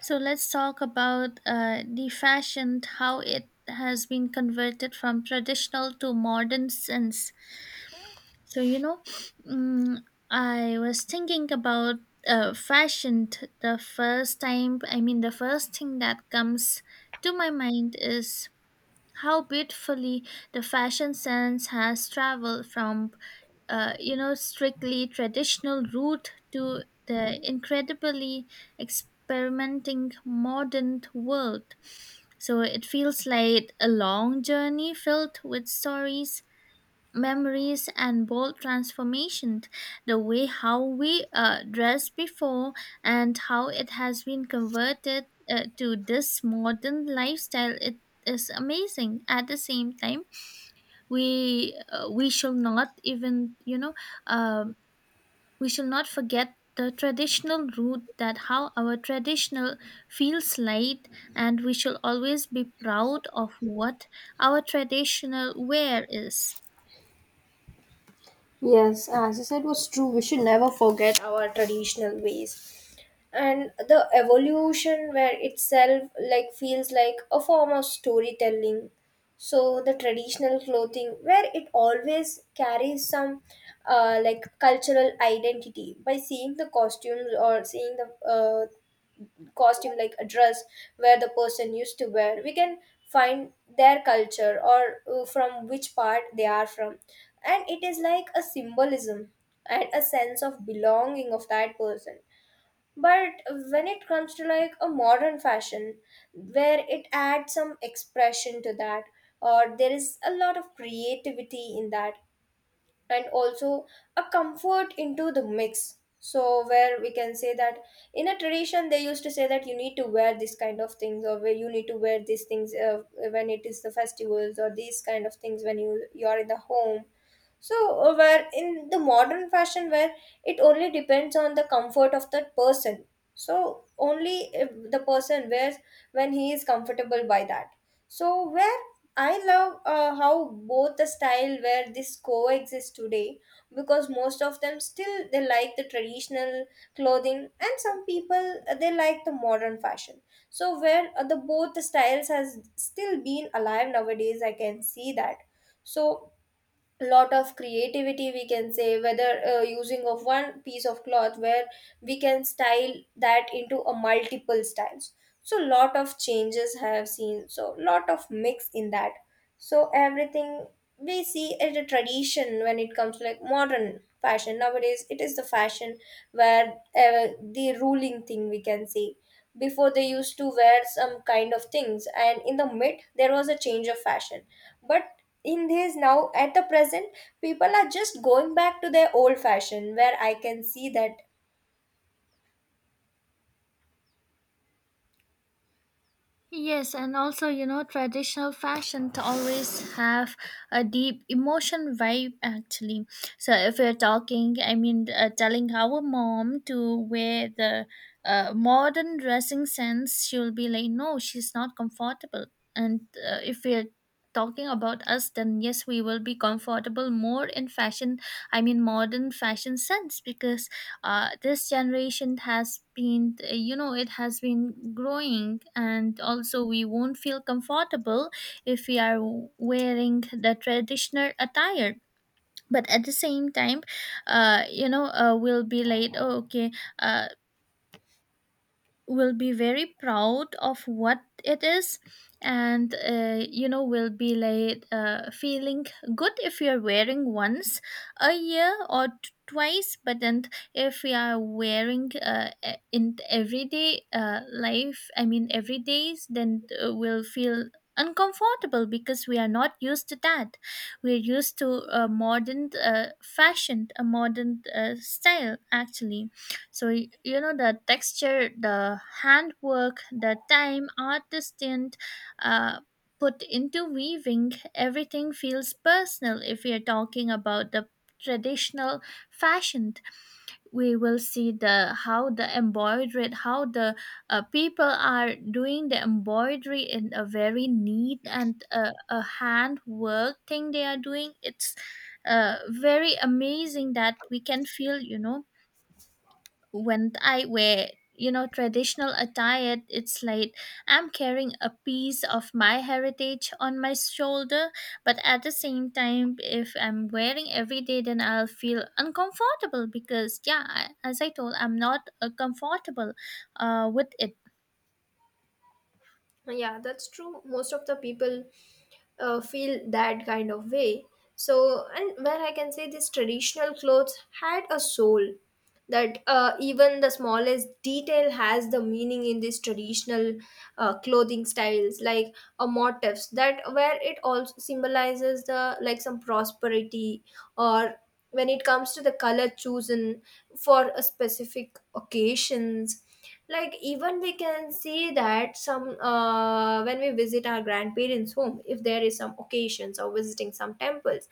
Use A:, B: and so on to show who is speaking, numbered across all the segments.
A: So let's talk about the fashion, how it has been converted from traditional to modern since. So, you know, mm, I was thinking about the first time. I mean, the first thing that comes to my mind is how beautifully the fashion sense has traveled from strictly traditional route to the incredibly experimenting modern world. So it feels like a long journey filled with stories, memories and bold transformation. The way how we dressed before and how it has been converted to this modern lifestyle, it is amazing. At the same time, we shall not even uh, we shall not forget the traditional root, that how our traditional feels light, and we shall always be proud of what our traditional wear is.
B: Yes, as I said, was true. We should never forget our traditional ways, and the evolution where itself like feels like a form of storytelling. So the traditional clothing, where it always carries some like cultural identity by seeing the costumes or seeing the costume like a dress where the person used to wear we can find their culture or from which part they are from, and it is like a symbolism and a sense of belonging of that person. But when it comes to like a modern fashion, where it adds some expression to that, or there is a lot of creativity in that, and also a comfort into the mix. So where we can say that in a tradition they used to say that you need to wear this kind of things, or where you need to wear these things when it is the festivals or these kind of things when you are in the home. So where in the modern fashion, where it only depends on the comfort of that person. So only if the person wears when he is comfortable by that. So where I love how both the style where this coexist today, because most of them still they like the traditional clothing, and some people they like the modern fashion. So where the both the styles has still been alive nowadays, I can see that. So lot of creativity we can say, whether using of one piece of cloth where we can style that into a multiple styles. So lot of changes I have seen, so lot of mix in that. So everything we see as a tradition, when it comes to like modern fashion nowadays, it is the fashion where the ruling thing we can say. Before they used to wear some kind of things, and in the mid there was a change of fashion, but in this now at the present, people are just going back to their old fashion, where I can see that.
A: Yes, and also, you know, traditional fashion to always have a deep emotion vibe actually. So if we're talking, I mean, telling our mom to wear the modern dressing sense, she'll be like, no, she's not comfortable. And if we're talking about us, then yes, we will be comfortable more in fashion, I mean, modern fashion sense because this generation has been it has been growing, and also we won't feel comfortable if we are wearing the traditional attire. But at the same time, we'll be like, oh, okay, uh, will be very proud of what it is, and will be like feeling good if you're wearing once a year or twice. But then if we are wearing in everyday life, I mean every days, then we'll feel uncomfortable because we are not used to that. We're used to a modern fashion, a modern style actually. So you know, the texture, the handwork, the time artist didn't uh, put into weaving. Everything feels personal. If we are talking about the traditional fashion, we will see the how the embroidery, how the people are doing the embroidery in a very neat and a handwork thing they are doing. It's very amazing that we can feel, you know, when I wear, you know, traditional attire, it's like I'm carrying a piece of my heritage on my shoulder. But at the same time, if I'm wearing every day, then I'll feel uncomfortable because, yeah, as I told, I'm not comfortable with it.
B: Yeah, that's true. Most of the people feel that kind of way. So, and where I can say this traditional clothes had a soul. That even the smallest detail has the meaning in these traditional clothing styles, like motifs that where it also symbolizes the like some prosperity, or when it comes to the color chosen for a specific occasions. Like even we can see that some when we visit our grandparents home, if there is some occasions or visiting some temples,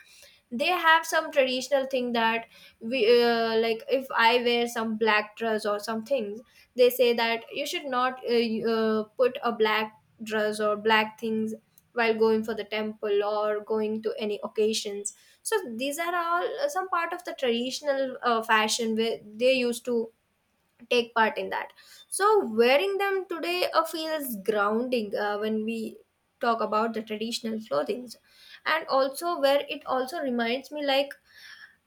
B: they have some traditional thing that we like if I wear some black dress or some things, they say that you should not put a black dress or black things while going for the temple or going to any occasions. So these are all some part of the traditional fashion where they used to take part in that. So wearing them today feels grounding, when we talk about the traditional clothing. And also where it also reminds me like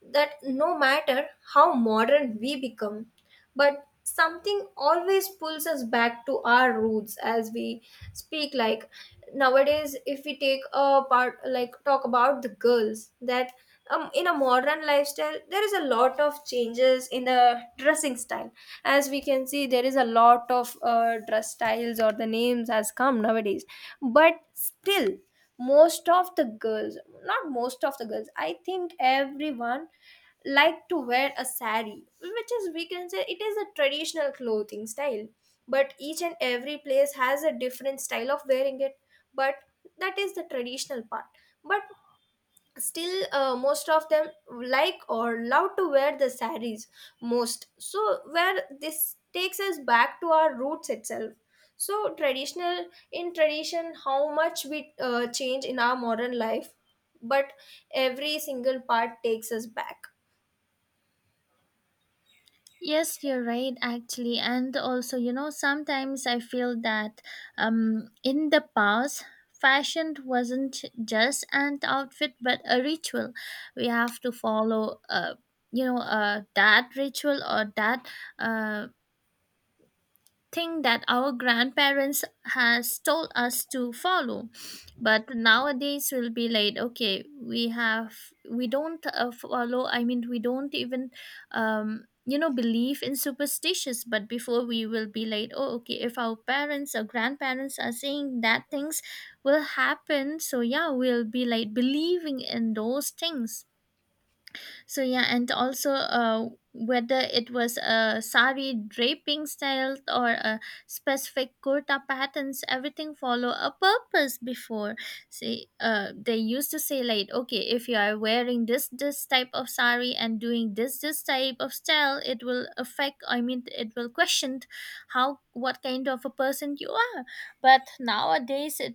B: that no matter how modern we become, but something always pulls us back to our roots. As we speak, like nowadays if we take a part, like talk about the girls that in a modern lifestyle there is a lot of changes in the dressing style, as we can see there is a lot of dress styles or the names has come nowadays. But still most of the girls, not most of the girls, I think everyone like to wear a sari, which is we can say it is a traditional clothing style, but each and every place has a different style of wearing it. But that is the traditional part. But still most of them like or love to wear the saris most. So where this takes us back to our roots itself. So traditional, in tradition how much we change in our modern life, but every single part takes us back.
A: Yes, you're right, actually. And also, you know, sometimes I feel that in the past, fashion wasn't just an outfit but a ritual. We have to follow, that ritual or that. Uh, thing that our grandparents has told us to follow. But nowadays will be like, okay, we have, we don't follow, I mean we don't even um, you know, believe in superstitions. But before we will be like, oh, okay, if our parents or grandparents are saying that things will happen, so yeah, we'll be like believing in those things. So yeah, and also whether it was a sari draping style or a specific kurta patterns, everything follow a purpose before. See, they used to say like, okay, if you are wearing this type of sari and doing this type of style, it will affect. I mean, it will question how what kind of a person you are. But nowadays, it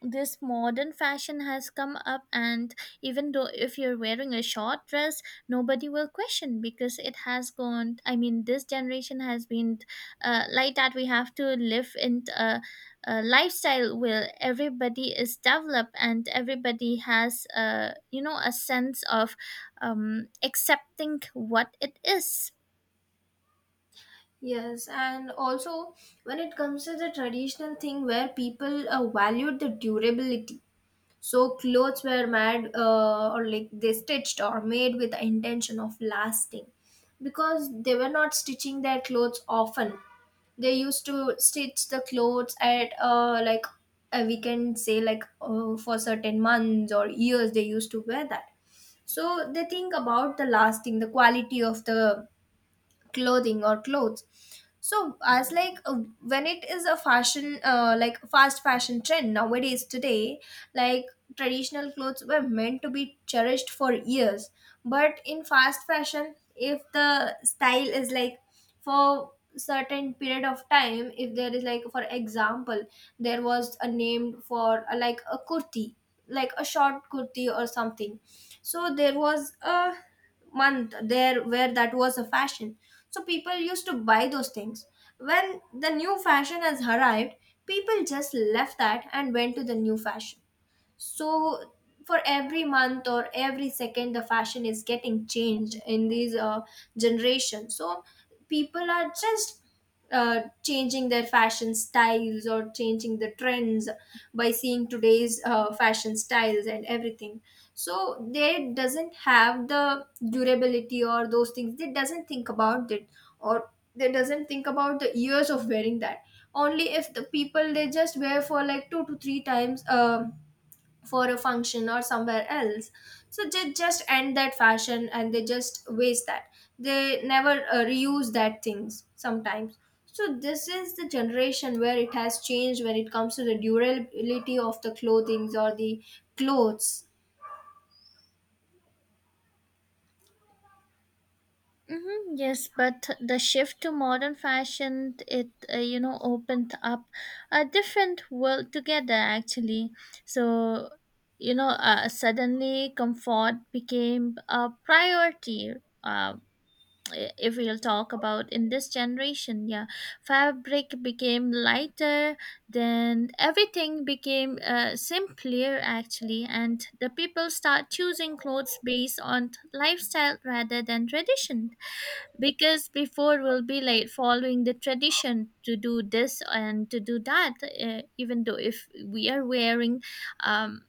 A: this modern fashion has come up, and even though if you're wearing a short dress, nobody will question because it has gone, I mean this generation has been like that. We have to live in a lifestyle where everybody is developed and everybody has a, you know, a sense of accepting what it is.
B: Yes, and also when it comes to the traditional thing, where people valued the durability. So clothes were made or like they stitched or made with the intention of lasting, because they were not stitching their clothes often. They used to stitch the clothes at like we can say like for certain months or years they used to wear that. So they think about the lasting, the quality of the clothing or clothes. So as like when it is a fashion, like fast fashion trend nowadays today, like traditional clothes were meant to be cherished for years, but in fast fashion, if the style is like for certain period of time, if there is like for example, there was a name for a, like a kurti, like a short kurti or something. So there was a month there where that was a fashion. So people used to buy those things. When the new fashion has arrived, people just left that and went to the new fashion. So for every month or every second the fashion is getting changed in these generation. So people are just changing their fashion styles or changing the trends by seeing today's fashion styles and everything. So they doesn't have the durability or those things, they doesn't think about it, or they doesn't think about the years of wearing that. Only if the people they just wear for like two to three times for a function or somewhere else, so they just end that fashion and they just waste that. They never reuse that things sometimes. So this is the generation where it has changed when it comes to the durability of the clothings or the clothes.
A: Hmm, yes, but the shift to modern fashion, it opened up a different world together actually. So you know, suddenly comfort became a priority. Uh, if we'll talk about in this generation, yeah, fabric became lighter, then everything became simpler actually, and the people start choosing clothes based on lifestyle rather than tradition. Because before we'll be like following the tradition to do this and to do that. Even though if we are wearing um,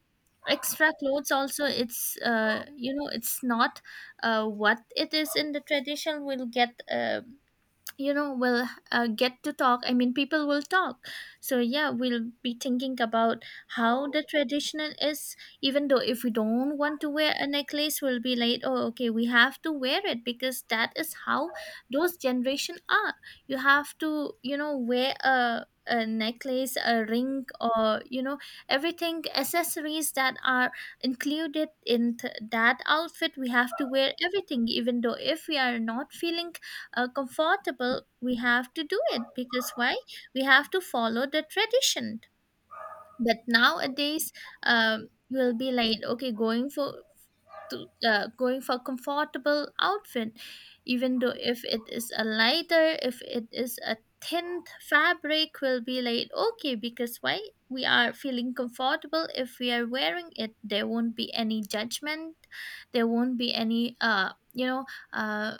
A: extra clothes also, it's it's not what it is in the tradition. We'll get will get to talk, I mean people will talk. So yeah, we'll be thinking about how the traditional is. Even though if we don't want to wear a necklace, we'll be like, oh, okay, we have to wear it because that is how those generation are. You have to, you know, wear a necklace, a ring, or, you know, everything accessories that are included in that outfit, we have to wear everything. Even though if we are not feeling comfortable, we have to do it because why? We have to follow the tradition. But nowadays, you'll be like, okay, going for to, going for comfortable outfit, even though if it is a lighter, if it is a thin fabric, will be like okay because why? We are feeling comfortable if we are wearing it. There won't be any judgment. There won't be any uh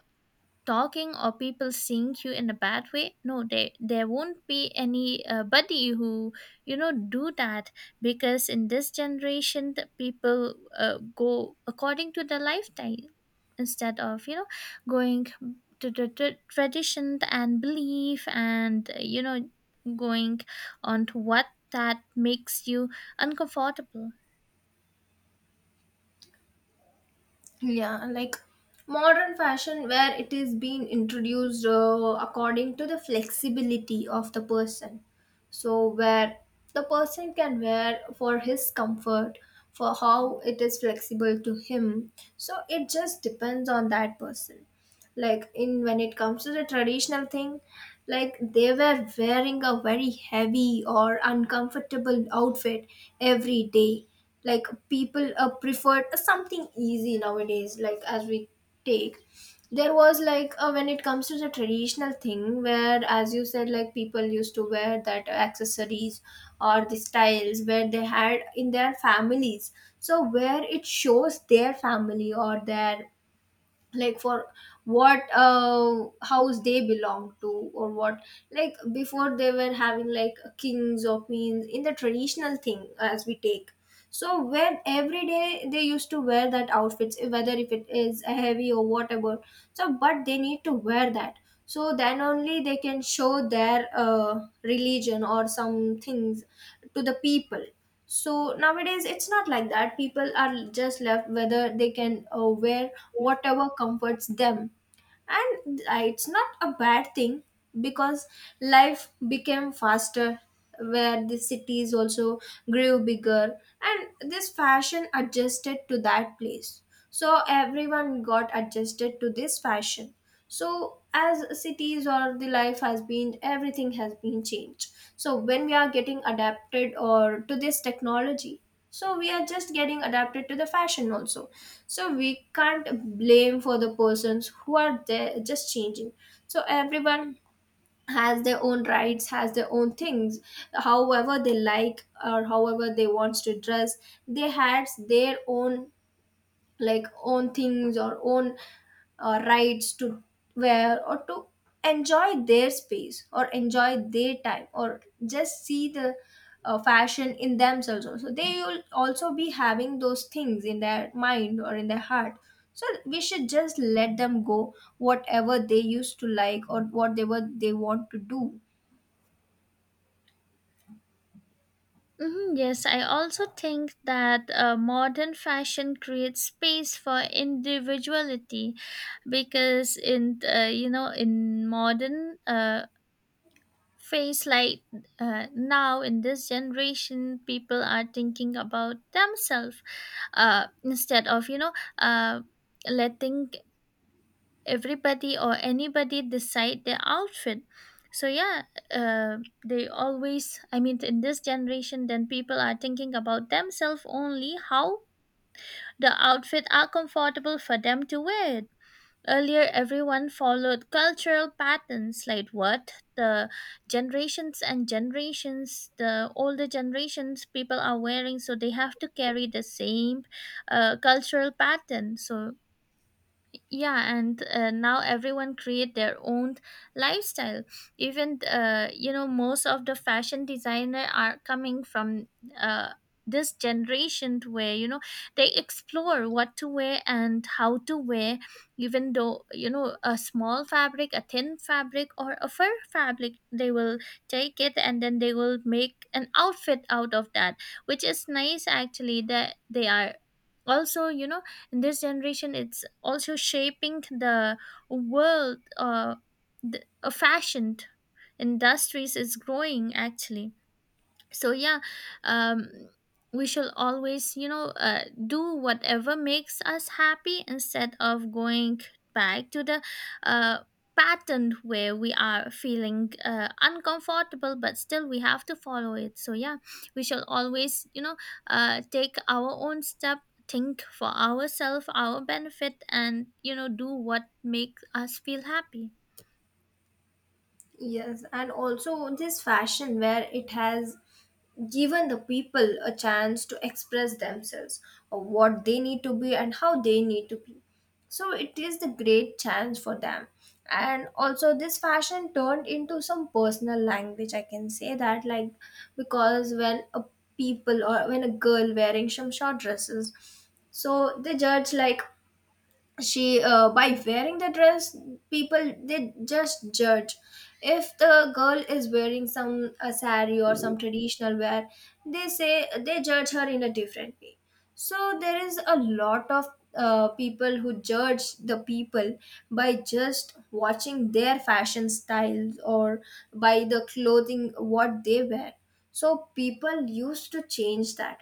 A: talking or people seeing you in a bad way. No, they, there won't be any buddy who, you know, do that, because in this generation the people go according to their lifestyle instead of, you know, going to the tradition and belief, and going on to what that makes you uncomfortable.
B: Yeah, like modern fashion where it is being introduced according to the flexibility of the person. So where the person can wear for his comfort, for how it is flexible to him. So it just depends on that person. Like in when it comes to the traditional thing, like they were wearing a very heavy or uncomfortable outfit every day. Like people preferred something easy nowadays, like as we take, there was like when it comes to the traditional thing, where as you said like people used to wear that accessories or the styles where they had in their families. So where it shows their family or their, like for what house they belong to, or what, like before they were having like kings or queens in the traditional thing as we take. So when every day they used to wear that outfits, whether if it is a heavy or whatever, so but they need to wear that. So then only they can show their religion or some things to the people. So nowadays it's not like that, people are just left whether they can wear whatever comforts them. And it's not a bad thing, because life became faster, where the cities also grew bigger, and this fashion adjusted to that place. So everyone got adjusted to this fashion. So as cities or the life has been, everything has been changed. So when we are getting adapted or to this technology, so we are just getting adapted to the fashion also. So we can't blame for the persons who are there just changing. So everyone has their own rights, has their own things, however they like or however they wants to dress. They had their own, like own things or own rights to wear or to enjoy their space or enjoy their time, or just see the fashion in themselves also. So, they will also be having those things in their mind or in their heart. So we should just let them go whatever they used to like or what they were they want to do.
A: Mhm, yes, I also think that modern fashion creates space for individuality, because in in modern phase like now in this generation, people are thinking about themselves instead of uh, letting everybody or anybody decide their outfit. So yeah, uh, they always, I mean in this generation then people are thinking about themselves only how the outfit are comfortable for them to wear it. Earlier everyone followed cultural patterns like what the generations and generations, the older generations people are wearing, so they have to carry the same cultural pattern. So yeah, and now everyone create their own lifestyle. Even most of the fashion designer are coming from uh, this generation to where, you know, they explore what to wear and how to wear. Even though, you know, a small fabric, a thin fabric, or a fur fabric, they will take it and then they will make an outfit out of that, which is nice actually, that they are also, you know, and this generation it's also shaping the world. The, a fashion industries is growing actually. So yeah, um, we shall always, you know, do whatever makes us happy instead of going back to the uh, pattern where we are feeling uncomfortable but still we have to follow it. So yeah, we shall always, you know, take our own step, think for ourselves, our benefit, and, you know, do what makes us feel happy.
B: Yes, and also this fashion where it has given the people a chance to express themselves of what they need to be and how they need to be. So it is the great chance for them. And also this fashion turned into some personal language. I can say that, like, because when a people or when a girl wearing some short dresses, so they judge like she by wearing the dress, people they just judge. If the girl is wearing some a sari or some traditional wear, they say they judge her in a different way. So there is a lot of people who judge the people by just watching their fashion styles or by the clothing what they wear. So people used to change that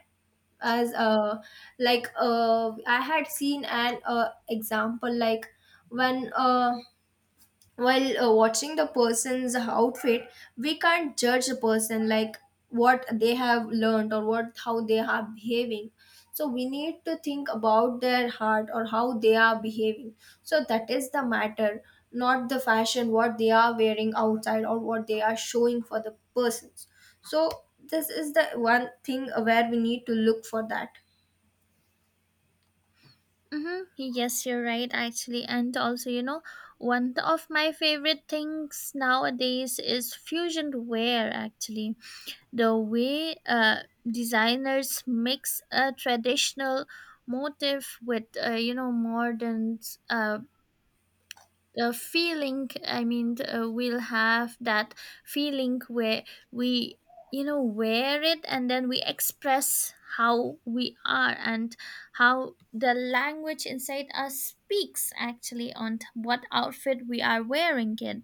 B: as like I had seen an example like when while watching the person's outfit, we can't judge the person like what they have learned or what how they are behaving. So we need to think about their heart or how they are behaving. So that is the matter, not the fashion what they are wearing outside or what they are showing for the persons. So this is the one thing where we need to look for that.
A: Mm-hmm. Yes, you're right, actually. And also, you know, one of my favorite things nowadays is fusion wear, actually. The way designers mix a traditional motif with, modern uh, feeling, I mean, we'll have that feeling where we, you know, wear it and then we express how we are and how the language inside us speaks actually on what outfit we are wearing it.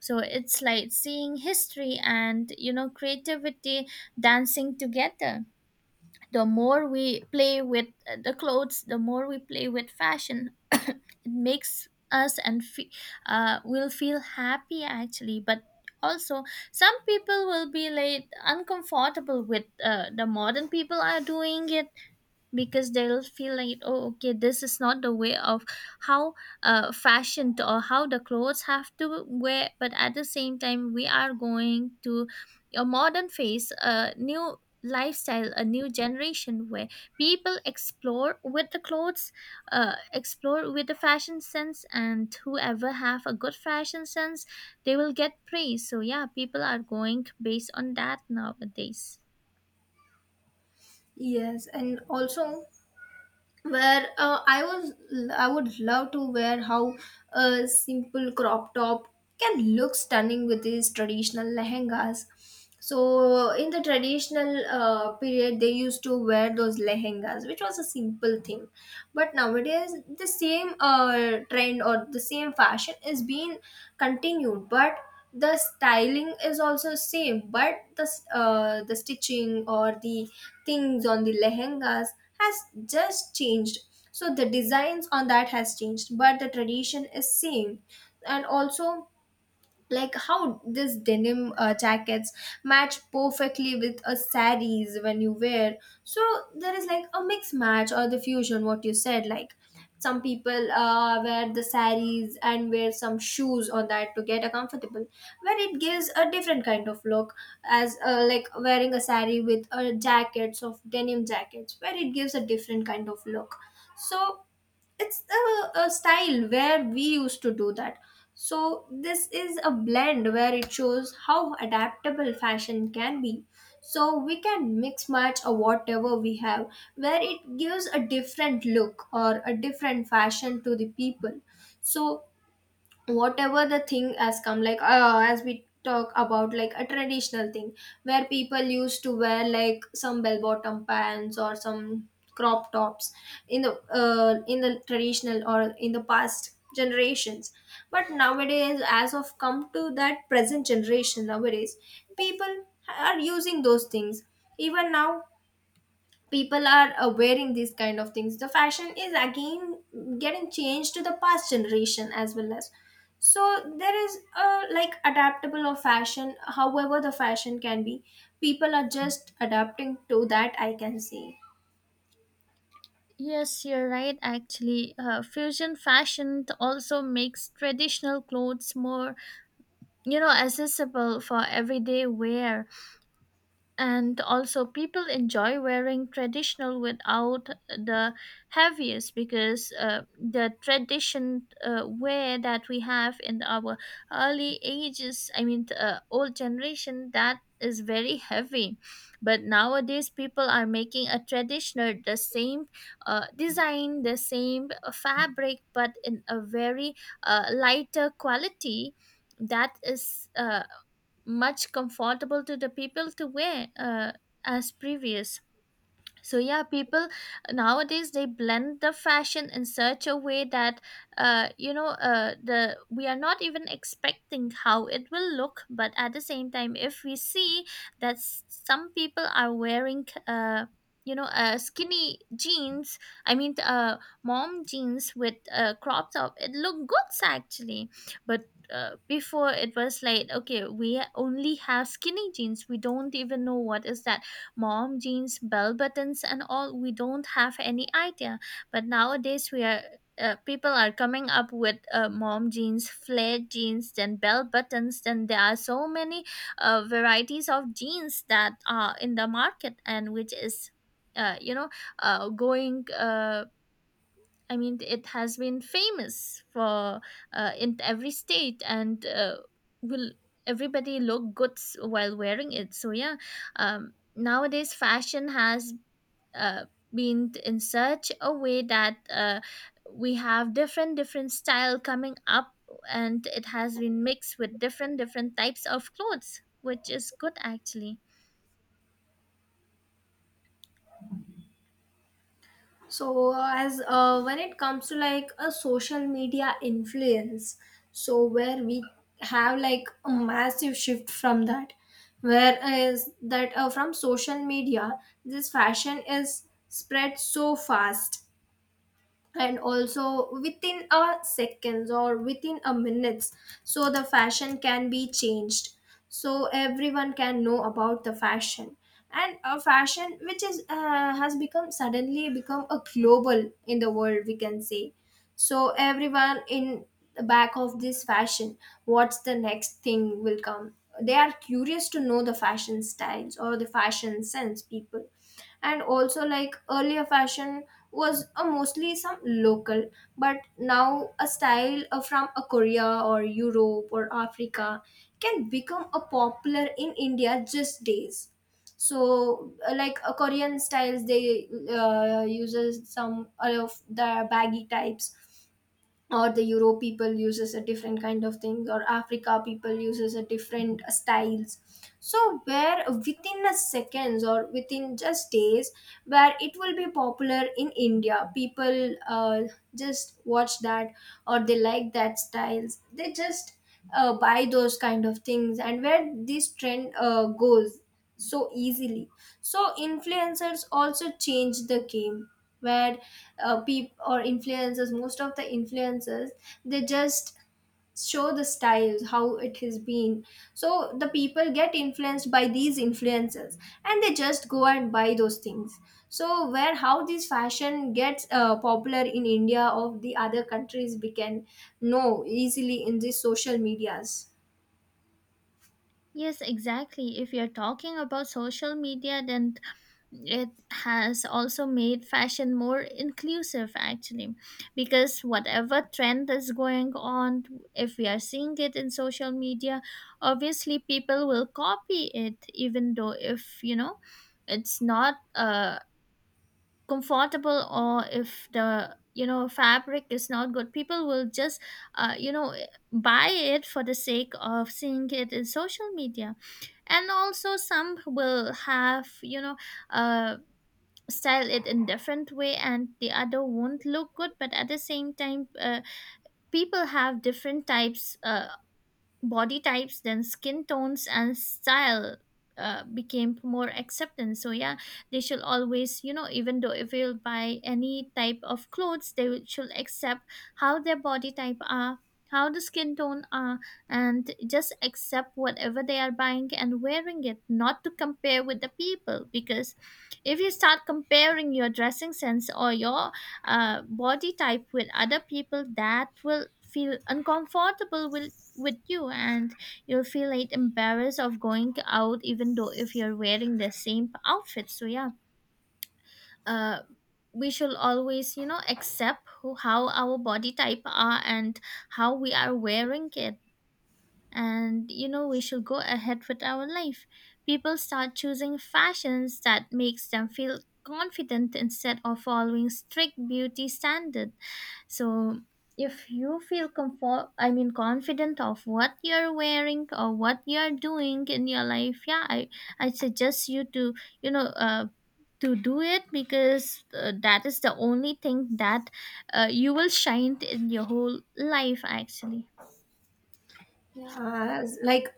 A: So it's like seeing history and, you know, creativity dancing together. The more we play with the clothes, the more we play with fashion, it makes us and will feel happy actually. But also some people will be like uncomfortable with the modern people are doing it because they'll feel like, oh okay, this is not the way of how or how the clothes have to wear. But at the same time we are going to a modern phase, a new lifestyle, a new generation where people explore with the clothes, explore with the fashion sense, and whoever have a good fashion sense, they will get praise. So yeah, people are going based on that nowadays.
B: Yes, and also where I was, I would love to wear how a simple crop top can look stunning with these traditional lehengas. So in the traditional period, they used to wear those lehengas, which was a simple thing, but nowadays the same trend or the same fashion is being continued, but the styling is also same but the the stitching or the things on the lehengas has just changed. So the designs on that has changed but the tradition is same. And also, like, how this denim jackets match perfectly with a saris when you wear. So there is like a mix match or the fusion what you said, like some people wear the saris and wear some shoes on that to get a comfortable, where it gives a different kind of look, as like wearing a sari with a jackets of denim jackets, where it gives a different kind of look. So it's a style where we used to do that. So this is a blend where it shows how adaptable fashion can be. So we can mix match or whatever we have, where it gives a different look or a different fashion to the people. So whatever the thing has come, like as we talk about like a traditional thing, where people used to wear like some bell bottom pants or some crop tops in the in the traditional or in the past generations, but nowadays as of come to that present generation nowadays, people are using those things. Even now people are wearing these kind of things. The fashion is again getting changed to the past generation as well as. So there is a like adaptable of fashion, however the fashion can be, people are just adapting to that, I can say.
A: Yes, you're right, actually. Fusion fashion also makes traditional clothes more, you know, accessible for everyday wear, and also people enjoy wearing traditional without the heaviest, because the tradition wear that we have in our early ages, I mean old generation, that is very heavy. But nowadays people are making a traditional the same design, the same fabric, but in a very lighter quality that is much comfortable to the people to wear as previous. So yeah, people nowadays they blend the fashion in such a way that you know the we are not even expecting how it will look, but at the same time if we see that some people are wearing skinny jeans, I mean mom jeans with crop top, it look good actually. But before it was like, okay, we only have skinny jeans, we don't even know what is that mom jeans, bell buttons, and all. We don't have any idea. But nowadays, we are, people are coming up with mom jeans, flare jeans, then bell buttons. Then there are so many varieties of jeans that are in the market, and which is, uh, you know, going. I mean, it has been famous for in every state, and will everybody look good while wearing it? So yeah, nowadays fashion has uh, been in such a way that we have different different style coming up, and it has been mixed with different different types of clothes, which is good actually.
B: So as when it comes to like a social media influence, so where we have like a massive shift from that, where is that from social media this fashion is spread so fast, and also within a seconds or within a minutes, so the fashion can be changed. So everyone can know about the fashion, and a fashion which is has become suddenly become a global in the world, we can say. So everyone in the back of this fashion, what's the next thing will come, they are curious to know the fashion styles or the fashion sense people. And also, like, earlier fashion was a mostly some local, but now a style from a Korea or Europe or Africa can become a popular in India just days. So like a Korean styles they uses some of the baggy types, or the Europe people uses a different kind of things, or Africa people uses a different styles. So where within a seconds or within just days, where it will be popular in India, people just watch that or they like that styles, they just buy those kind of things, and where this trend goes so easily. So influencers also change the game, where people or influencers, most of the influencers, they just show the styles how it has been. So the people get influenced by these influencers and they just go and buy those things. So where how this fashion gets popular in India or the other countries, we can know easily in these social medias.
A: Yes, exactly. If you're talking about social media, then it has also made fashion more inclusive, actually, because whatever trend is going on, if we are seeing it in social media, obviously people will copy it, even though if, you know, it's not comfortable, or if the, you know, fabric is not good, people will just uh, you know buy it for the sake of seeing it in social media. And also some will have, you know, uh, style it in different way and the other won't look good. But at the same time people have different types body types, then skin tones, and style became more acceptance. So yeah, they should always, you know, even though if you'll buy any type of clothes, they will- should accept how their body type are, how the skin tone are, and just accept whatever they are buying and wearing it, not to compare with the people. Because if you start comparing your dressing sense or your body type with other people, that will feel uncomfortable will with you, and you'll feel like embarrassed of going out even though if you're wearing the same outfit. So yeah, uh we should always, you know, accept who, how our body type are, and how we are wearing it, and, you know, we should go ahead with our life. People start choosing fashions that makes them feel confident instead of following strict beauty standards. So if you feel comfort, I mean confident of what you're wearing or what you're doing in your life, yeah, I suggest you to, you know, to do it because that is the only thing that you will shine in your whole life actually.
B: Yeah, like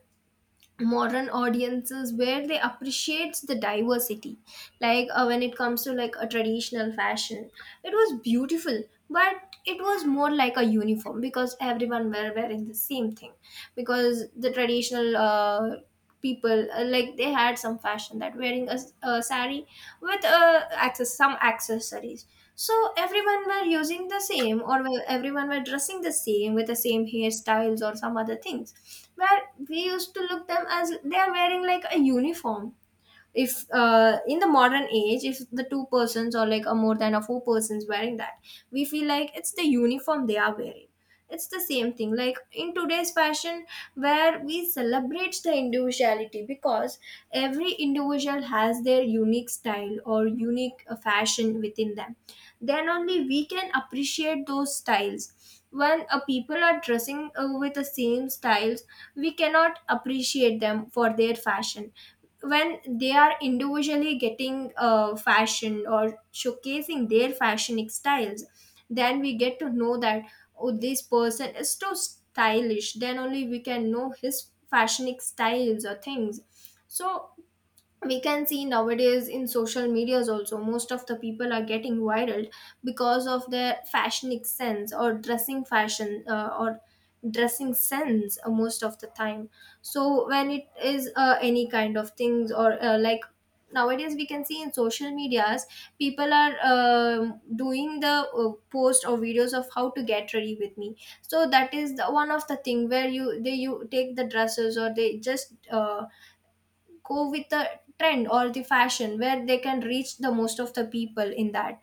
B: modern audiences where they appreciate the diversity, like when it comes to like a traditional fashion, it was beautiful, but it was more like a uniform because everyone were wearing the same thing. Because the traditional people like they had some fashion that wearing a sari with access some accessories, so everyone were using the same or everyone were dressing the same with the same hairstyles or some other things, where we used to look them as they are wearing like a uniform. If in the modern age, if the two persons or like a more than a four persons wearing that, we feel like it's the uniform they are wearing. It's the same thing like in today's fashion, where we celebrate the individuality, because every individual has their unique style or unique fashion within them. Then only we can appreciate those styles. When a people are dressing with the same styles, we cannot appreciate them for their fashion. When they are individually getting fashioned or showcasing their fashionic styles, then we get to know that, oh, this person is too stylish, then only we can know his fashionic styles or things. So we can see nowadays in social medias also, most of the people are getting viral because of their fashionic sense or dressing fashion or dressing sense most of the time. So when it is any kind of things or like nowadays we can see in social medias, people are doing the post or videos of how to get ready with me. So that is the one of the thing where you take the dresses or they just go with the trend or the fashion where they can reach the most of the people in that.